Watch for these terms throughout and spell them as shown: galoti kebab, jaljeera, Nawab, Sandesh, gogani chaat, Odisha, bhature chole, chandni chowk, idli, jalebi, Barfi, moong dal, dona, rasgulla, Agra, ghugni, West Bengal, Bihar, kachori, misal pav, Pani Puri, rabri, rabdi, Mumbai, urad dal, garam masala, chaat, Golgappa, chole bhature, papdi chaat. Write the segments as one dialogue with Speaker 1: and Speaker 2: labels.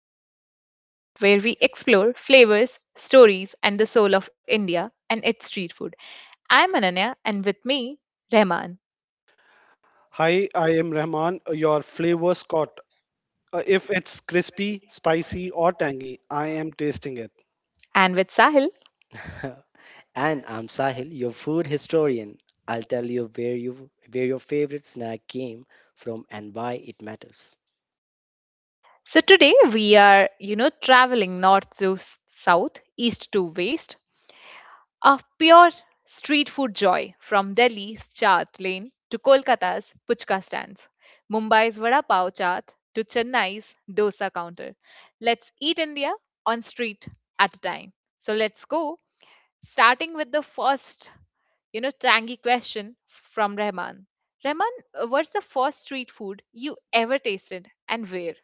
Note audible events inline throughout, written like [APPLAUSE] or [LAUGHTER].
Speaker 1: Plate, the podcast where we explore flavors, stories, and the soul of India and its street food. I'm Ananya, and with me, Rahman, and with Sahil.
Speaker 2: [LAUGHS] And I'm Sahil, your food historian. I'll tell you where your favorite snack came from and why it matters.
Speaker 1: So today we are, traveling north to south, east to west, of pure street food joy from Delhi's chaat lane to Kolkata's puchka stands, Mumbai's vada pav chaat to Chennai's dosa counter. Let's eat India on street at a time. So let's go, starting with the first, tangy question from Rahman. Rahman, what's the first street food you ever tasted and where?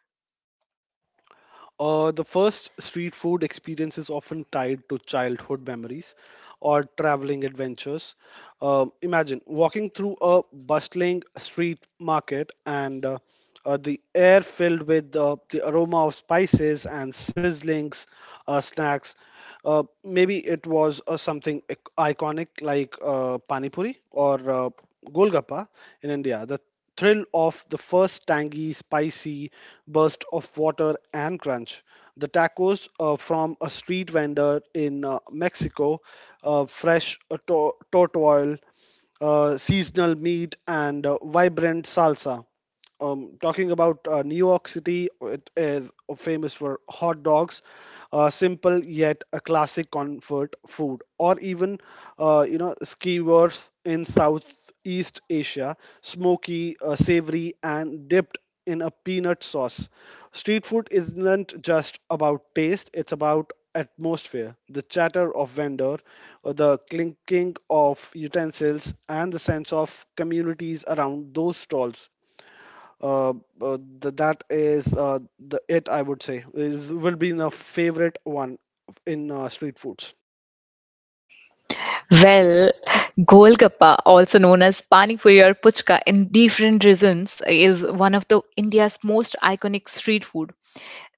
Speaker 1: Well, Golgappa, also known as Pani Puri or Puchka in different regions, is one of the India's most iconic street food.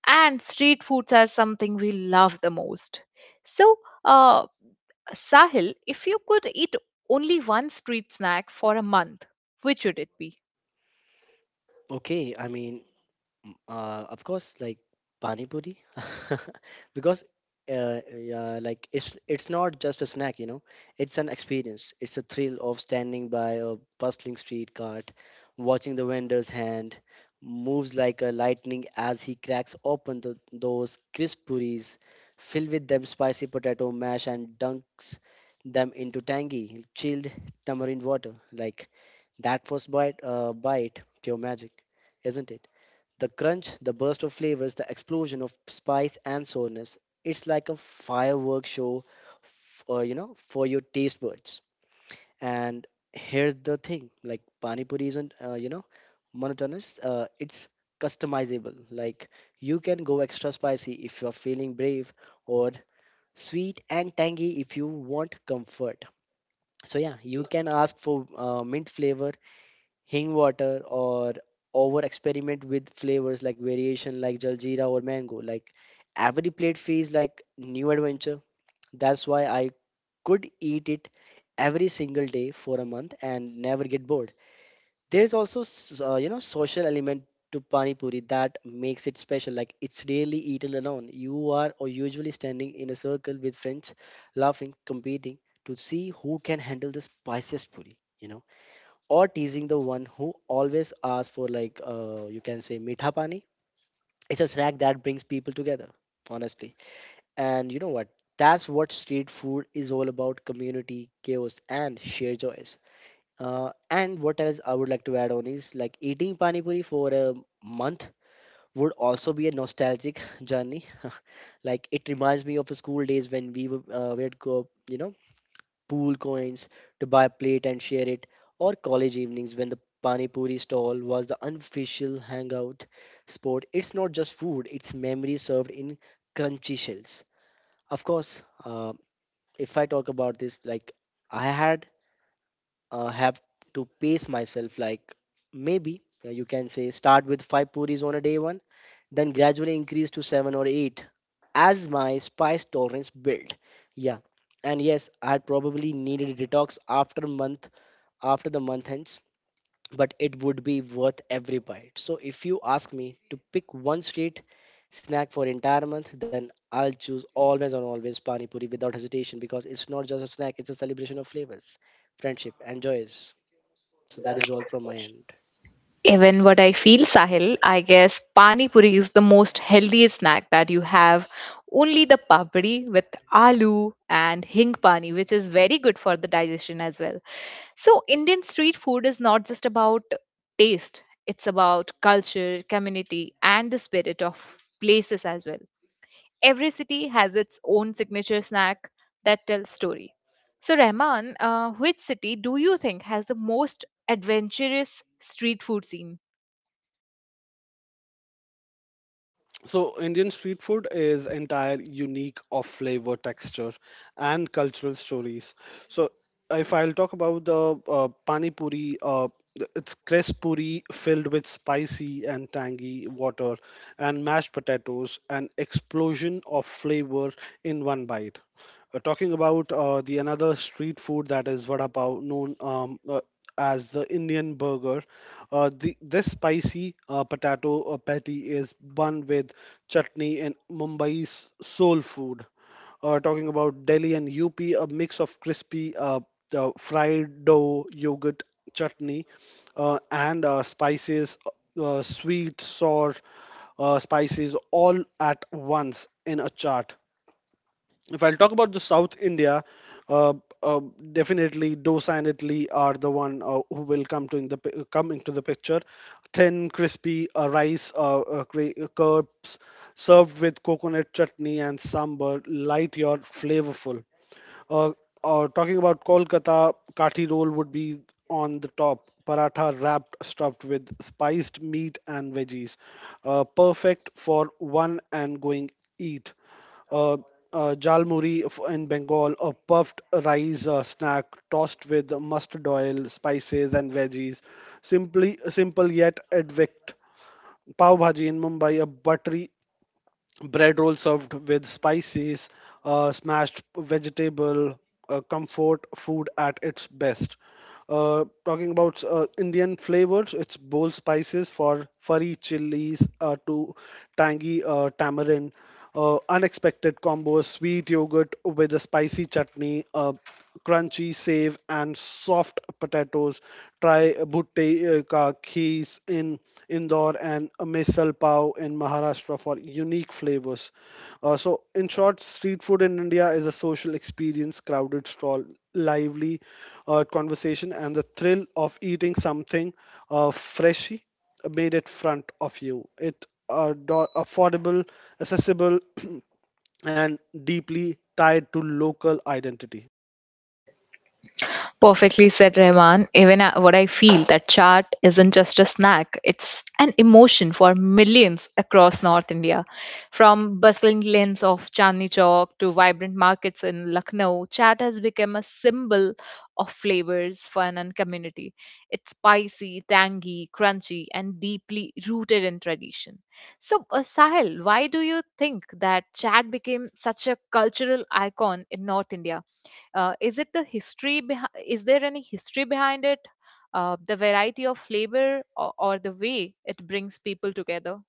Speaker 1: And street foods are something we love the most. So, uh, Sahil, if you could eat only one street snack for a month, which would it be?
Speaker 2: Okay, I mean, of course, like pani puri, [LAUGHS] because yeah, like it's not just a snack, you know. It's an experience. It's the thrill of standing by a bustling street cart, watching the vendor's hand moves like a lightning as he cracks open those crisp puris, fill with them spicy potato mash, and dunks them into tangy, chilled tamarind water. Like that first bite, bite, pure magic, isn't it? The crunch, the burst of flavors, the explosion of spice and sourness. It's like a firework show, you know, for your taste buds. And here's the thing, like pani puri isn't, you know, monotonous. It's customizable. Like you can go extra spicy if you're feeling brave, or sweet and tangy if you want comfort. So yeah, you can ask for mint flavor hing water or over experiment with flavors like variation like jaljeera or mango, like every plate feels like new adventure. That's why I could eat it every single day for a month and never get bored. There's also you know, social element to pani puri that makes it special. Like it's rarely eaten alone. You are or usually standing in a circle with friends, laughing, competing to see who can handle the spiciest puri, you know, or teasing the one who always asks for, like, you can say meetha pani. It's a snack that brings people together, honestly. And you know what? That's what street food is all about: community, chaos, and sheer joys. And what else I would like to add on is, like, eating pani puri for a month would also be a nostalgic [LAUGHS] journey. [LAUGHS] Like it reminds me of school days when we would go, you know, pool coins to buy a plate and share it, or college evenings when the pani puri stall was the unofficial hangout spot. It's not just food, it's memory served in crunchy shells. Of course, if I talk about this, like, I had have to pace myself, like, maybe you can say start with five puris on a day one, then gradually increase to seven or eight as my spice tolerance built. Yeah, and yes, I had probably needed a detox after the month ends, but it would be worth every bite. So if you ask me to pick one street snack for entire month, then I'll choose always and always Pani Puri without hesitation, because it's not just a snack, it's a celebration of flavors, friendship, and joys. So that is all from my end.
Speaker 1: Even what I feel, Sahil, I guess pani puri is the most healthiest snack that you have. Only the papdi with aloo and hing pani, which is very good for the digestion as well. So Indian street food is not just about taste; it's about culture, community, and the spirit of places as well. Every city has its own signature snack that tells story. So, Rahman, which city do you think has the most adventurous street food scene? Perfectly said, Rahman. What I feel that chaat isn't just a snack, it's an emotion for millions across North India. From bustling lanes of Chandni Chowk to vibrant markets in Lucknow, chaat has become a symbol of flavors, fun, and community. It's spicy, tangy, crunchy, and deeply rooted in tradition. So, Sahil, why do you think that chaat became such a cultural icon in North India? Is it the history? Behind? Is there any history behind it? The variety of flavor or the way it brings people together?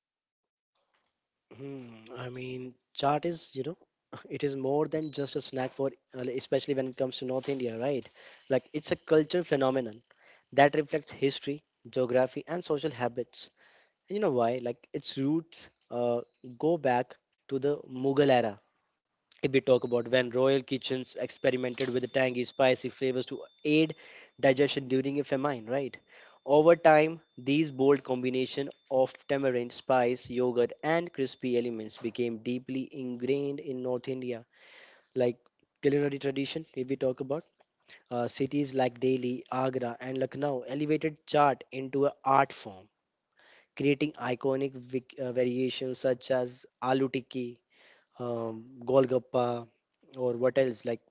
Speaker 2: Hmm, I mean, chaat is, you know, [LAUGHS] it is more than just a snack for, especially when it comes to North India, right? Like, it's a cultural phenomenon that reflects history, geography, and social habits. You know why? Like its roots go back to the Mughal era. If we talk about, when royal kitchens experimented with the tangy, spicy flavors to aid digestion during a famine, right? Over time, these bold combination of tamarind, spice, yogurt, and crispy elements became deeply ingrained in North India, like culinary tradition. If we talk about, cities like Delhi, Agra, and Lucknow elevated chaat into an art form, creating iconic variations such as aloo tikki, um, golgappa, or what else, like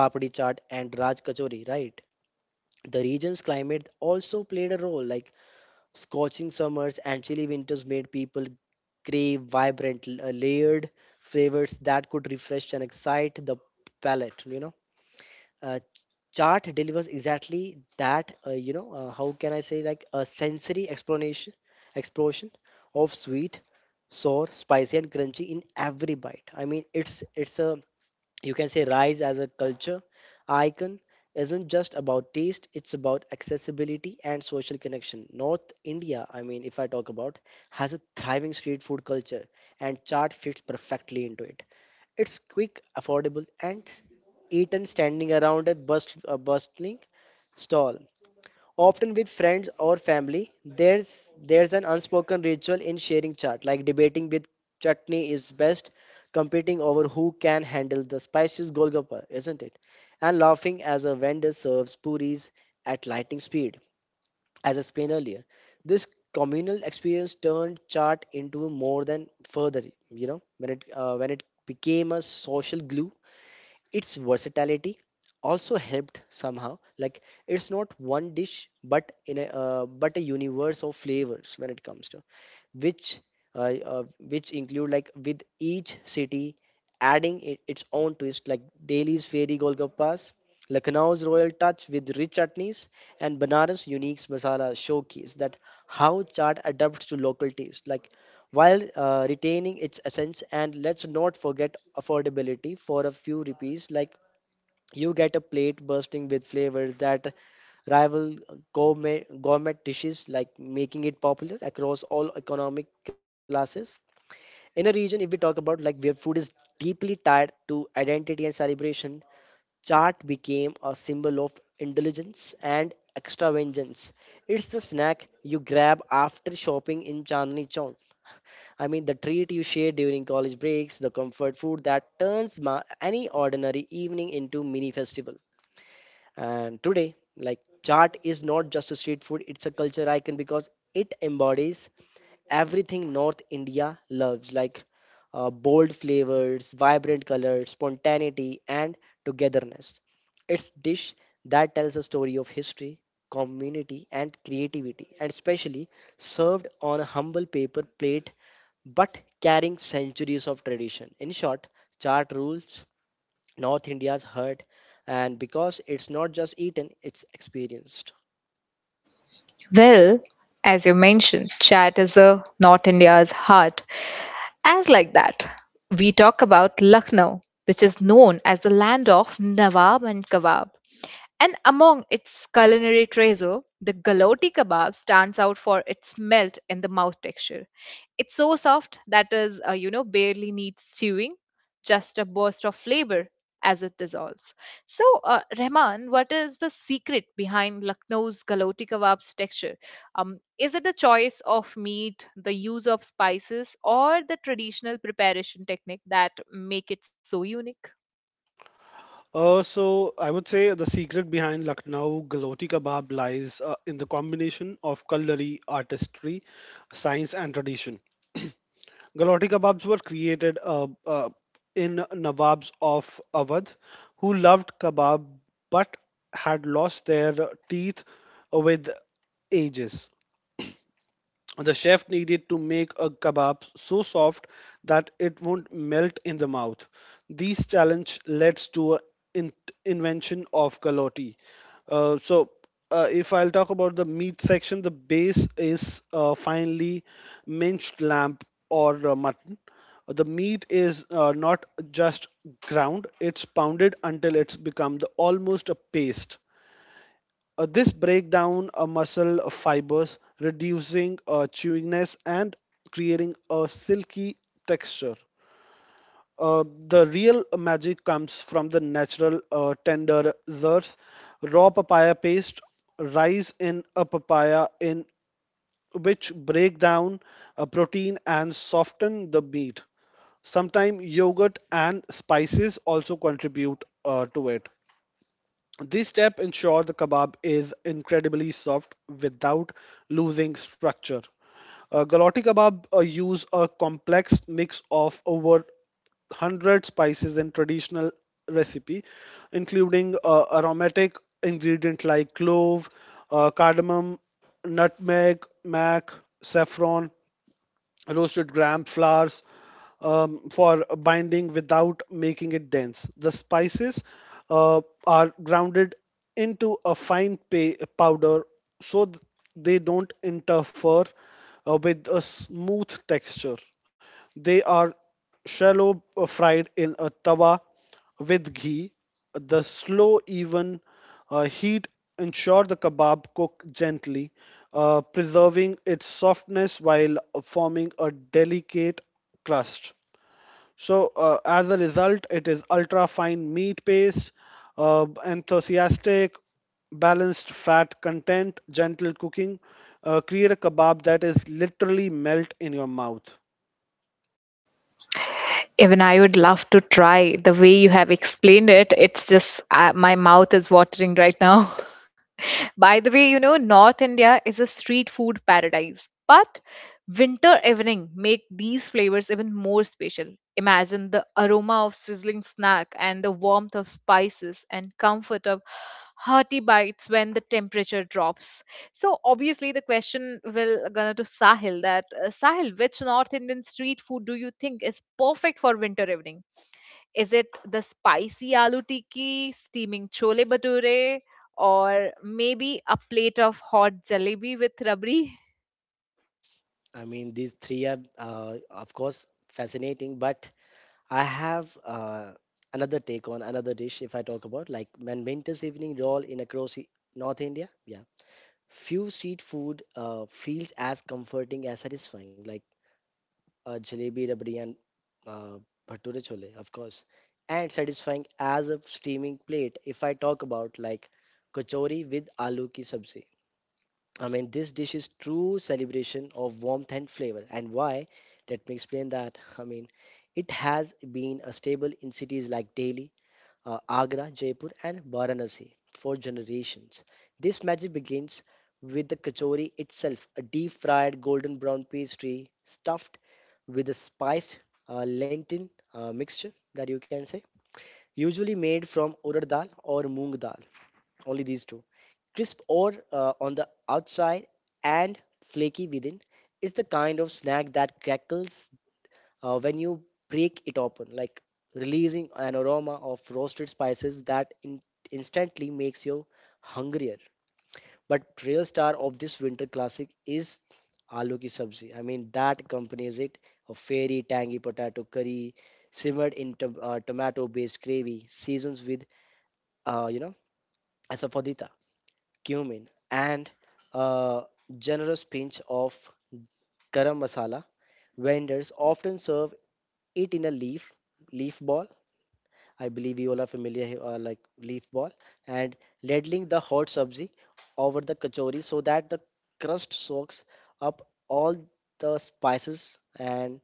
Speaker 2: papdi chaat and raj kachori, right? The region's climate also played a role. Like, scorching summers and chilly winters made people crave vibrant, layered flavors that could refresh and excite the palate, you know. Uh, chart delivers exactly that. How can I say, like a sensory explanation explosion of sweet, sour, spicy, and crunchy in every bite. I mean, it's a, you can say, rise as a culture icon. Isn't just about taste, it's about accessibility and social connection. North India, I mean, if I talk about, has a thriving street food culture, and chart fits perfectly into it. It's quick, affordable, and eaten standing around a, a bustling stall, often with friends or family. There's an unspoken ritual in sharing chaat, like debating with chutney is best, competing over who can handle the spices golgappa, isn't it? And laughing as a vendor serves puris at lightning speed, as I explained earlier. This communal experience turned chaat into more than further, you know, when it became a social glue. Its versatility also helped somehow. Like, it's not one dish, but in a but a universe of flavors when it comes to which, which include, like, with each city adding it, its own twist. Like Delhi's fairy golgappas, Lucknow's royal touch with rich chutneys, and Banaras' unique masala showcase that how chaat adapts to local taste. Like, while retaining its essence. And let's not forget affordability. For a few rupees, like, you get a plate bursting with flavors that rival gourmet dishes, like making it popular across all economic classes in a region, if we talk about, like, where food is deeply tied to identity and celebration. Chaat became a symbol of indulgence and extravagance. It's the snack you grab after shopping in Chandni Chowk. I mean, the treat you share during college breaks, the comfort food that turns any ordinary evening into mini festival. And today, like, chaat is not just a street food, it's a culture icon because it embodies everything North India loves, like bold flavors, vibrant colors, spontaneity, and togetherness. It's dish that tells a story of history, community, and creativity, and especially served on a humble paper plate but carrying centuries of tradition. In short, chart rules North India's heart, and because it's not just eaten, it's experienced.
Speaker 1: Well, as you mentioned, chat is the North India's heart. As like that, we talk about Lucknow, which is known as the land of Nawab and Kebab. And among its culinary treasure, the galoti kebab stands out for its melt in the mouth texture. It's so soft that is, barely needs chewing, just a burst of flavor as it dissolves. So, Rahman, what is the secret behind Lucknow's galoti kebab's texture? Is it the choice of meat, the use of spices, or the traditional preparation technique that make it so unique? Even I would love to try. The way you have explained it, it's just my mouth is watering right now. [LAUGHS] By the way, you know, North India is a street food paradise, but winter evening make these flavors even more special. Imagine the aroma of sizzling snack and the warmth of spices and comfort of hearty bites when the temperature drops. So obviously the question will gonna to Sahil that Sahil, which North Indian street food do you think is perfect for winter evening? Is it the spicy aloo tikki, steaming chole bhature, or maybe a plate of hot jalebi with rabri?
Speaker 2: I mean, these three are, of course, fascinating, but I have another take on another dish. If I talk about, like, when winter's evening roll in across North India. Yeah. Few street food feels as comforting as satisfying, like a jalebi rabdi and uh, bhature chole, of course, and satisfying as a steaming plate. If I talk about, like, kachori with aloo ki sabzi, I mean this dish is true celebration of warmth and flavor. And why? Let me explain that. I mean, it has been a staple in cities like Delhi, Agra, Jaipur, and Varanasi for generations. This magic begins with the kachori itself, a deep fried golden brown pastry stuffed with a spiced lentil mixture that, you can say, usually made from urad dal or moong dal, only these two. Crisp or on the outside and flaky within is the kind of snack that crackles when you break it open, like releasing an aroma of roasted spices that instantly makes you hungrier. But real star of this winter classic is aloo ki sabzi, I mean, that accompanies it, a fairy tangy potato curry simmered in tomato-based gravy, seasons with, you know, asafoetida, cumin, and a generous pinch of garam masala. Vendors often serve it in a leaf ball, I believe you all are familiar, like leaf ball, and ladling the hot sabzi over the kachori so that the crust soaks up all the spices, and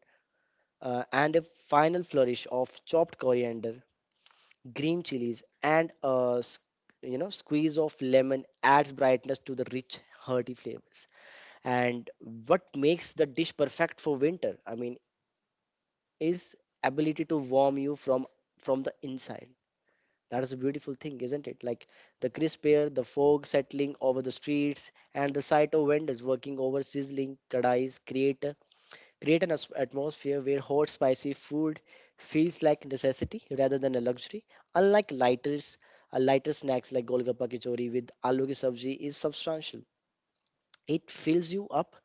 Speaker 2: uh, and a final flourish of chopped coriander, green chilies, and a you know, squeeze of lemon adds brightness to the rich hearty flavors. And what makes the dish perfect for winter? I mean, is ability to warm you from the inside. That is a beautiful thing, isn't it? Like the crisp air, the fog settling over the streets, and the sight of vendors working over sizzling kadais create a, create atmosphere where hot, spicy food feels like necessity rather than a luxury. Unlike lighters, a lighter snacks like golgappa kachori with aloo ki sabji is substantial. It fills you up,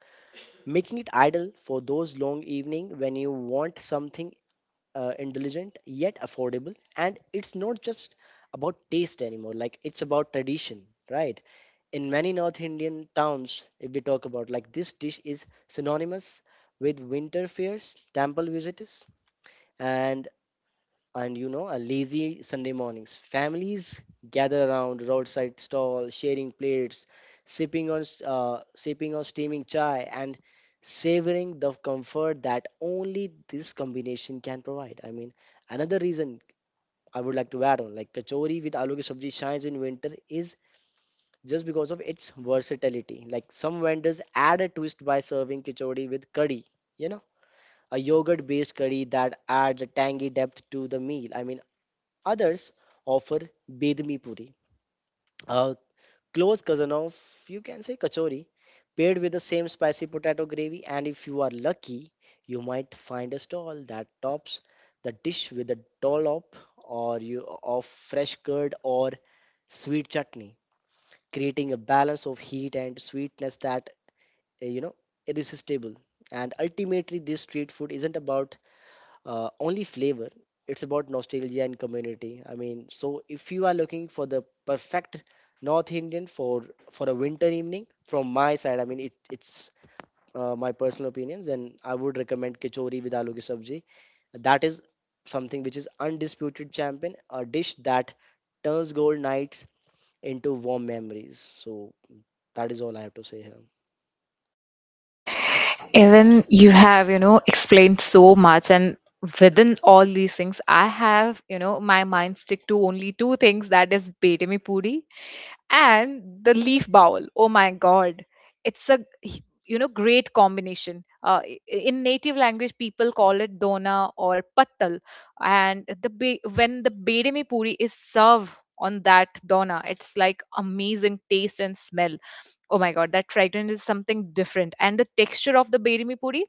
Speaker 2: making it ideal for those long evening when you want something intelligent yet affordable. And it's not just about taste anymore. Like, it's about tradition, right? In many north Indian towns, if we talk about, like, this dish is synonymous with winter fairs, temple visitors, and you know, a lazy Sunday mornings. Families gather around roadside stall, sharing plates, sipping on steaming chai, and savoring the comfort that only this combination can provide. I mean, another reason I would like to add on, like kachori with aloo ki sabji shines in winter is just because of its versatility. Like, some vendors add a twist by serving kachori with curry, you know, a yogurt based curry that adds a tangy depth to the meal. I mean, others offer bedmi puri, a close cousin of, you can say, kachori, paired with the same spicy potato gravy. And if you are lucky, you might find a stall that tops the dish with a dollop or you of fresh curd or sweet chutney, creating a balance of heat and sweetness that eh, you know irresistible. And ultimately, this street food isn't about only flavor. It's about nostalgia and community. I mean, so if you are looking for the perfect North Indian for a winter evening, from my side, I mean, it's my personal opinion. Then I would recommend kachori with aloo ki sabji. That is something which is undisputed champion, a dish that turns gold nights into warm memories. So that is all I have to say here.
Speaker 1: Even you have, you know, explained so much, and within all these things I have, you know, my mind stick to only two things, that is Betami Puri and the leaf bowl. Oh my god, it's you know, great combination. In native language people call it dona or pattal, and when the bedemi puri is served on that dona, it's like amazing taste and smell. Oh my god, that fragrance is something different, and the texture of the bedemi puri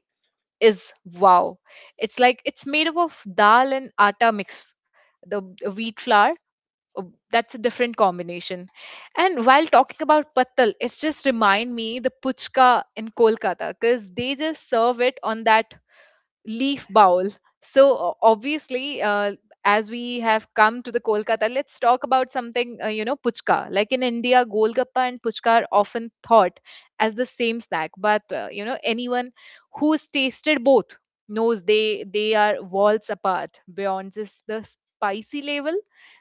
Speaker 1: is wow. It's like it's made up of dal and atta mix, the wheat flour. Oh, that's a different combination. And while talking about patal, it's just remind me the puchka in Kolkata because they just serve it on that leaf bowl. So obviously, as we have come to the Kolkata, let's talk about something. Puchka. Like in India, golgappa and puchka are often thought as the same snack, but anyone who's tasted both knows they are worlds apart. Beyond just the spicy level,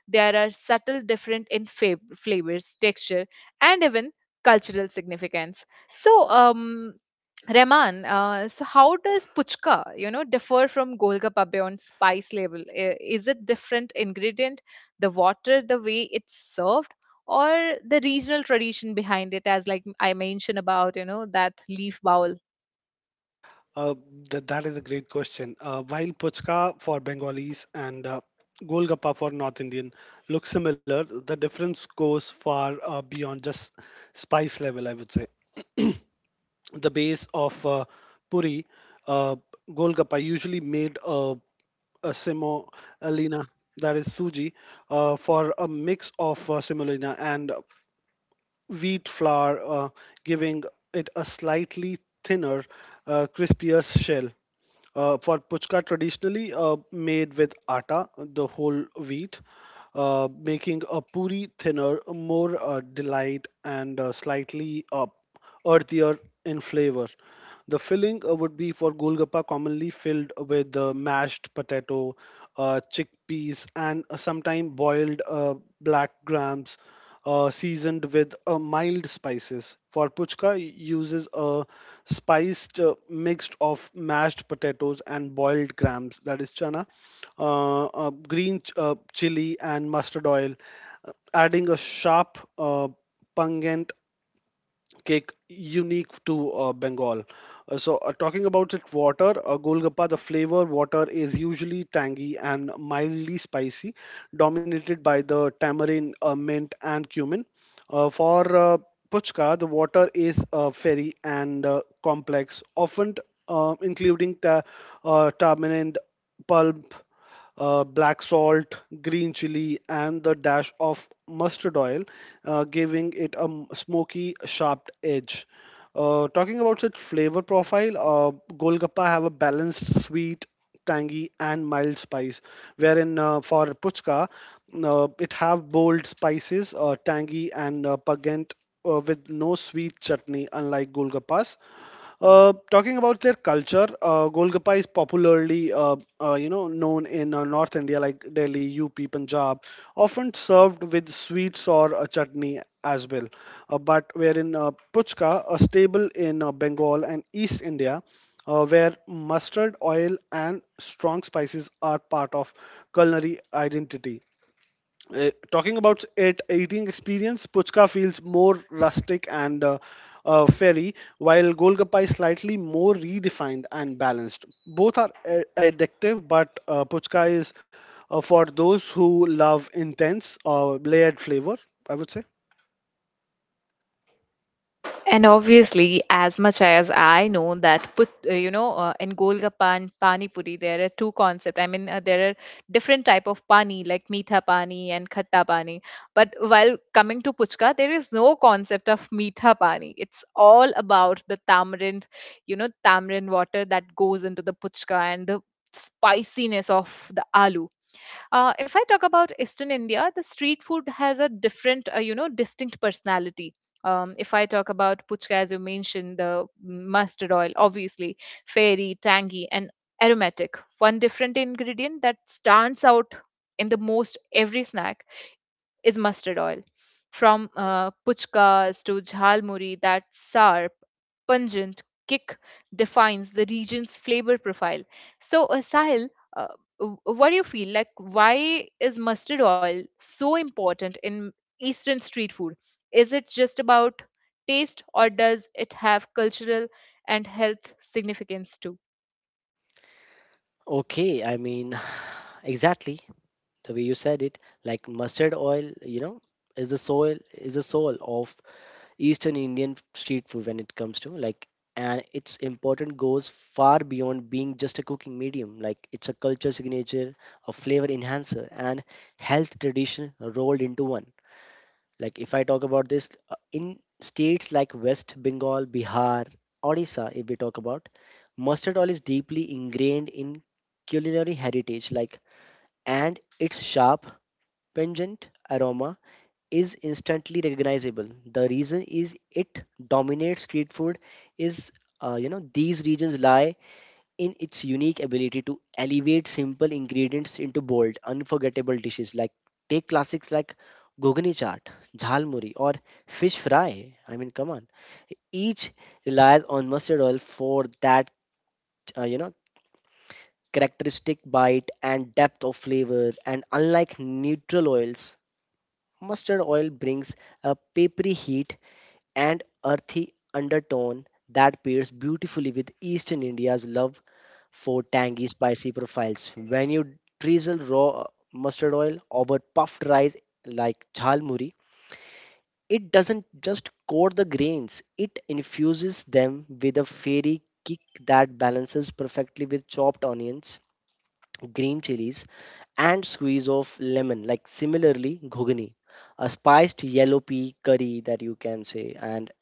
Speaker 1: there are subtle different in flavors, texture, and even cultural significance. So, Rehman, so how does puchka, you know, differ from golgappa on spice level? Is it different ingredient, the water, the way it's served, or the regional tradition behind it? As like I mentioned about, you know, that leaf bowl. And obviously, as much as I know that, you know, in Golgappa and Pani Puri, there are two concepts. I mean, there are different type of pani, like meetha pani and khatta pani. But while coming to Puchka, there is no concept of meetha pani. It's all about the tamarind, you know, tamarind water that goes into the Puchka and the spiciness of the aloo. If I talk about Eastern India, the street food has a different, distinct personality. If I talk about puchka, as you mentioned, the mustard oil, obviously, fairy, tangy, and aromatic. One different ingredient that stands out in the most every snack is mustard oil. From puchkas to jhalmuri, that sharp, pungent kick defines the region's flavor profile. So, Sahil, uh, w- what do you feel? Like, why is mustard oil so important in Eastern street food? Is it just about taste, or does it have cultural and health significance too?
Speaker 2: Okay, I mean, [SIGHS] exactly. The way you said it, like, mustard oil, you know, is the soul, of eastern Indian street food. When it comes to, like, and its importance goes far beyond being just a cooking medium, like it's a culture signature, a flavor enhancer, and health tradition rolled into one. Like if I talk about this, in states like West Bengal, Bihar, Odisha, if we talk about mustard oil, is deeply ingrained in culinary heritage. Like, and it's sharp, pungent aroma is instantly recognizable. The reason is it dominates street food is you know, these regions lie in its unique ability to elevate simple ingredients into bold, unforgettable dishes. Like, take classics like gogani chaat, jhalmuri, or fish fry. I mean, come on. Each relies on mustard oil for that you know, characteristic bite and depth of flavor. And unlike neutral oils, mustard oil brings a peppery heat and earthy undertone that pairs beautifully with Eastern India's love for tangy, spicy profiles. When you drizzle raw mustard oil over puffed rice like jhalmuri, it doesn't just coat the grains, it infuses them with a fairy kick that balances perfectly with chopped onions, green chilies, and squeeze of lemon. Like, similarly, ghugni, a spiced yellow pea curry that you can say, and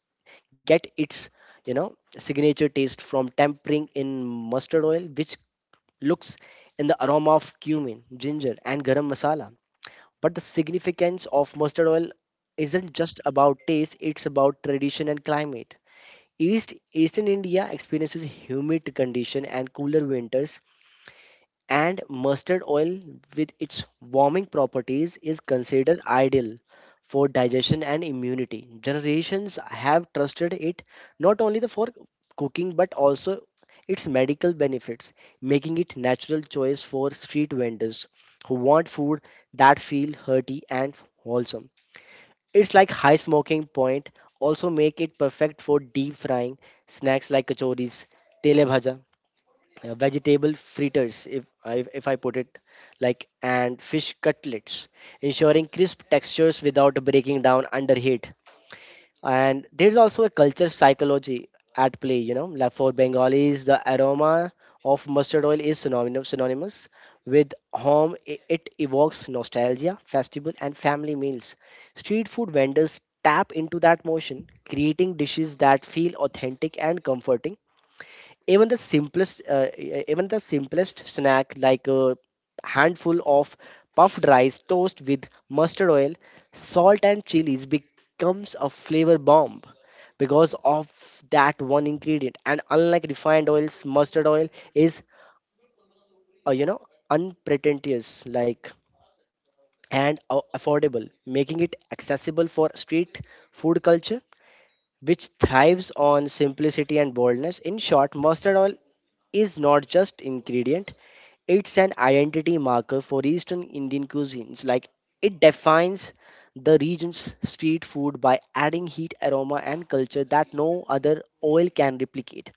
Speaker 2: get its, you know, signature taste from tempering in mustard oil, which looks in the aroma of cumin, ginger, and garam masala. But the significance of mustard oil isn't just about taste; it's about tradition and climate. Eastern India experiences humid condition and cooler winters, and mustard oil with its warming properties is considered ideal for digestion and immunity. Generations have trusted it not only the for cooking but also its medical benefits, making it natural choice for street vendors who want food that feel hearty and wholesome. It's like high smoking point also make it perfect for deep frying snacks like kachoris, tele bhaja, vegetable fritters, if I put it like, and fish cutlets, ensuring crisp textures without breaking down under heat. And there's also a culture psychology at play, you know, like for bengalis the aroma of mustard oil is synonymous with home. I- it evokes nostalgia, festival, and family meals. Street food vendors tap into that motion, creating dishes that feel authentic and comforting. Even the simplest even the simplest snack like a handful of puffed rice toast with mustard oil, salt, and chilies becomes a flavor bomb because of that one ingredient. And unlike refined oils, mustard oil is you know, unpretentious, like, and affordable, making it accessible for street food culture, which thrives on simplicity and boldness. In short, mustard oil is not just ingredient. It's an identity marker for Eastern Indian cuisines. Like, it defines the region's street food by adding heat, aroma, and culture that no other oil can replicate.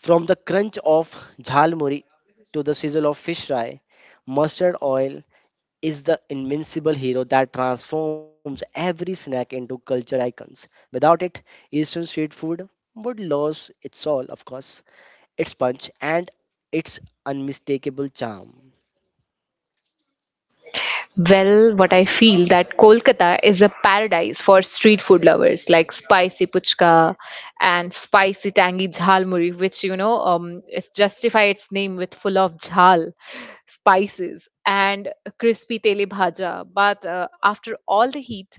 Speaker 2: From the crunch of jhalmuri to the sizzle of fish fry, mustard oil is the invincible hero that transforms every snack into culture icons. Without it, Eastern street food would lose its all, of course, its punch, and its unmistakable charm.
Speaker 1: Well, what I feel that Kolkata is a paradise for street food lovers like spicy puchka and spicy tangy jhalmuri, which you know, it's justify its name with full of jhal spices and crispy tele bhaja. But after all the heat,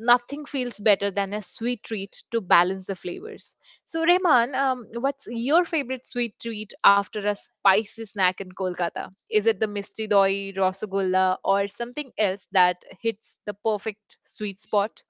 Speaker 1: nothing feels better than a sweet treat to balance the flavors. So, Rehman, what's your favorite sweet treat after a spicy snack in Kolkata? Is it the misti doi, rasgulla, or something else that hits the perfect sweet spot?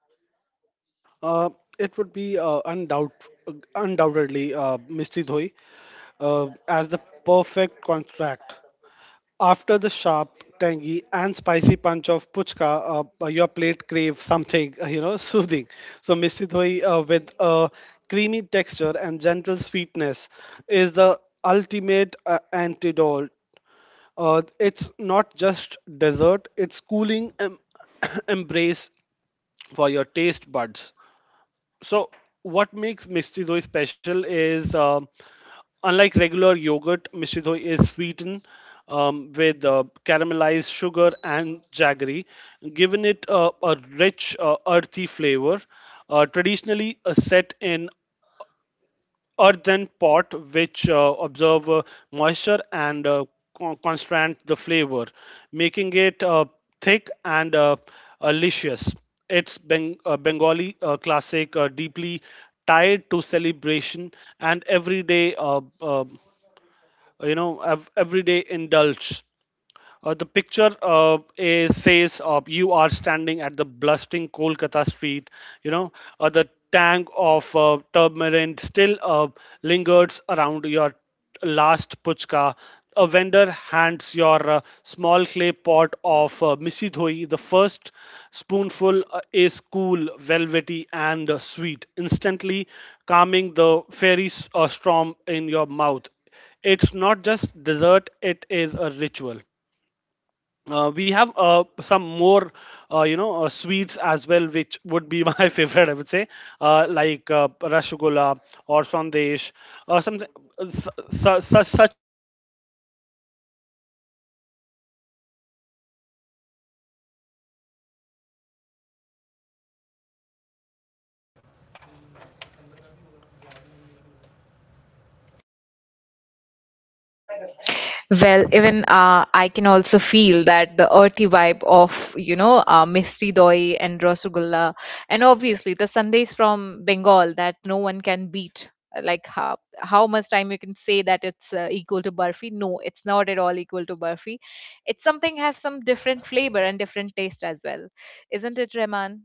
Speaker 1: Well, even I can also feel that the earthy vibe of, you know, Misty Doi and Rasgulla, and obviously the Sandesh from Bengal that no one can beat. Like how much time you can say that it's equal to Barfi? No, it's not at all equal to Barfi. It's something have some different flavor and different taste as well, isn't it, Reman?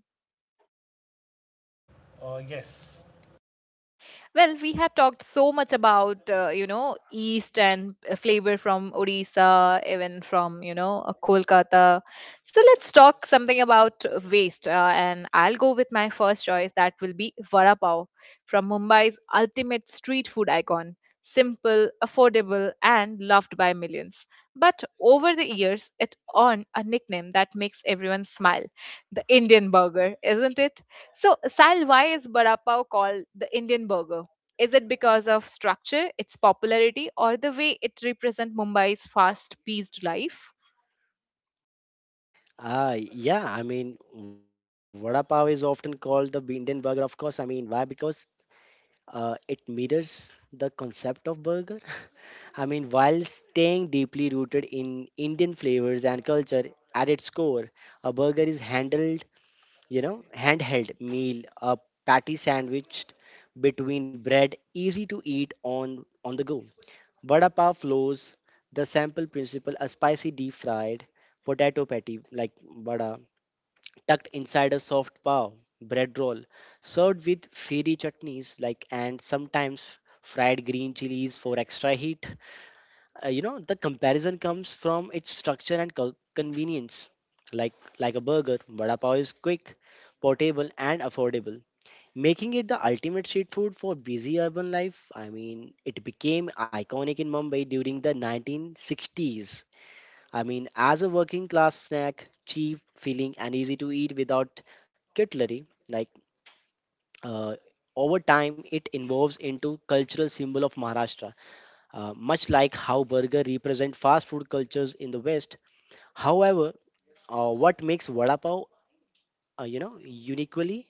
Speaker 3: Yes,
Speaker 1: Well, we have talked so much about you know, East and flavor from Odisha, even from you know Kolkata. So let's talk something about waste, and I'll go with my first choice. That will be vada pav from Mumbai's ultimate street food icon. Simple, affordable, and loved by millions. But over the years, it earned a nickname that makes everyone smile: the Indian burger, isn't it? So, Sal, why is vada pav called the Indian burger? Is it because of structure, its popularity, or the way it represents Mumbai's fast paced life?
Speaker 2: Yeah, I mean, vada pav is often called the Indian burger, of course. I mean, why? Because it mirrors the concept of burger. [LAUGHS] I mean, while staying deeply rooted in Indian flavors and culture at its core, a burger is handled, you know, handheld meal, a patty sandwiched between bread, easy to eat on the go. Vada pav flows the sample principle, a spicy deep fried potato patty like vada tucked inside a soft pav, bread roll, served with fiery chutneys like and sometimes fried green chilies for extra heat. You know, the comparison comes from its structure and convenience. Like like a burger, vada pav is quick, portable, and affordable, making it the ultimate street food for busy urban life. I mean, it became iconic in Mumbai during the 1960s. I mean, as a working class snack, cheap, filling, and easy to eat without cutlery, like, uh, over time, it evolves into cultural symbol of Maharashtra. Much like how burger represent fast food cultures in the West. However, what makes vada pav, you know, uniquely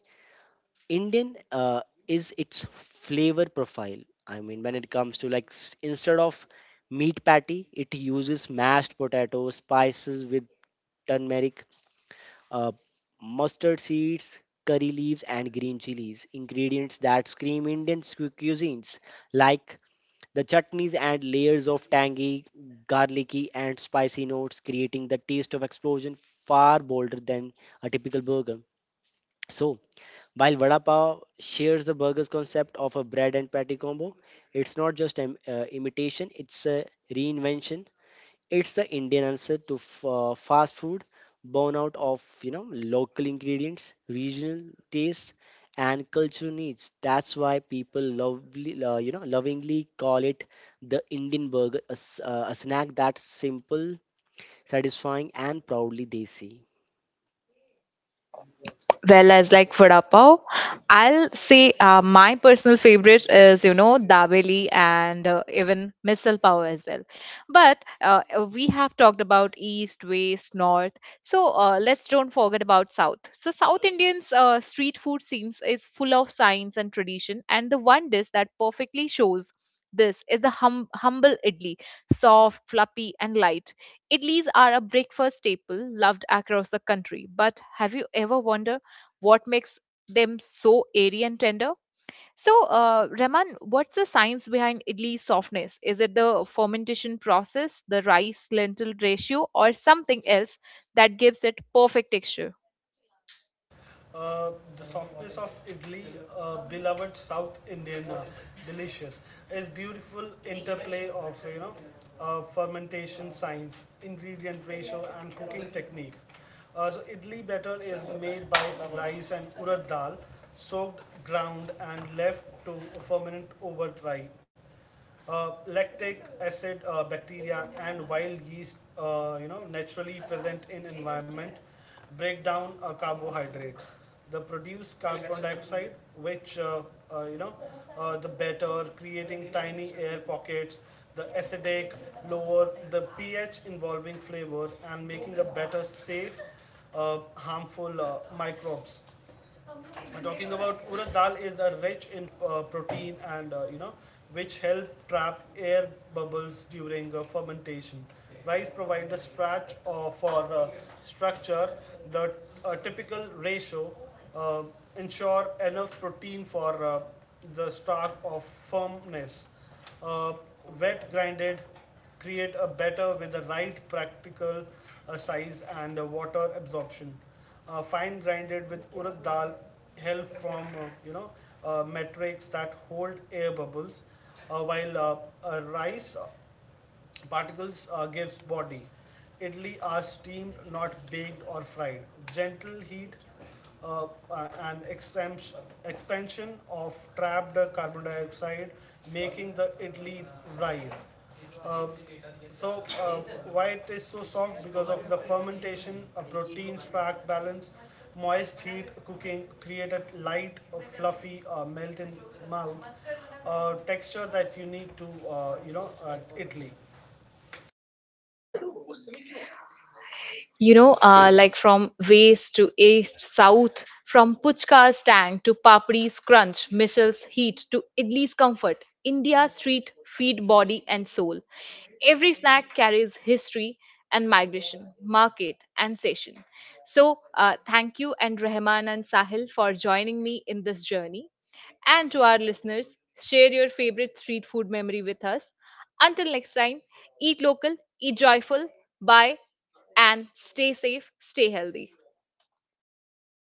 Speaker 2: Indian, is its flavor profile. I mean, when it comes to like instead of meat patty, it uses mashed potatoes, spices with turmeric, uh, mustard seeds, curry leaves, and green chilies. Ingredients that scream Indian cuisines, like the chutneys and layers of tangy, garlicky, and spicy notes, creating the taste of explosion far bolder than a typical burger. So, while vada pav shares the burger's concept of a bread and patty combo, it's not just an imitation; it's a reinvention. It's the Indian answer to fast food, born out of, you know, local ingredients, regional taste, and cultural needs. That's why people lovely, you know, lovingly call it the Indian burger, a, a snack that's simple, satisfying, and proudly desi.
Speaker 1: Well, as like vada pav, I'll say my personal favorite is you know dabeli and even misal pav as well. But we have talked about east, west, north. So let's don't forget about south. So South Indians street food scenes is full of science and tradition, and the one dish that perfectly shows this is the humble idli, soft fluffy and light. Idlis are a breakfast staple loved across the country, but have you ever wondered what makes them so airy and tender? So, Rahman, what's the science behind idli softness? Is it the fermentation process, the rice lentil ratio, or something else that gives it perfect texture?
Speaker 3: the softness of idli, beloved South Indian delicious, is beautiful interplay of fermentation science, ingredient ratio, and cooking technique. So idli batter is made by rice and urad dal, soaked, ground, and left to ferment overnight. Lactic acid bacteria and wild yeast, naturally present in environment, break down carbohydrates. They produce carbon dioxide, which uh, you know, the better, creating tiny air pockets. The acidic lower the pH, involving flavor and making a better safe, harmful microbes. We're talking about urad dal is a rich in protein and uh, which help trap air bubbles during fermentation. Rice provides a starch for structure. The typical ratio uh, ensure enough protein for the start of firmness, uh, wet grinded, create a batter with the right practical size and water absorption. Fine grinded with urad dal, help from metrics that hold air bubbles, while rice particles gives body. Idli are steamed, not baked or fried. Gentle heat uh, and exemption, expansion of trapped carbon dioxide, making the idli rise. Uh, so uh, why it is so soft because of the fermentation, a proteins frac balance, moist heat cooking created light, fluffy, melt in mouth, texture that unique to Italy.
Speaker 1: You know, like from west to east, south, from Puchka's tang to Papri's crunch, Michel's heat to Idli's comfort, India's street feed body and soul. Every snack carries history and migration, market and session. So, thank you and Rahman and Sahil for joining me in this journey. And to our listeners, share your favorite street food memory with us. Until next time, eat local, eat joyful. Bye and stay safe, stay healthy.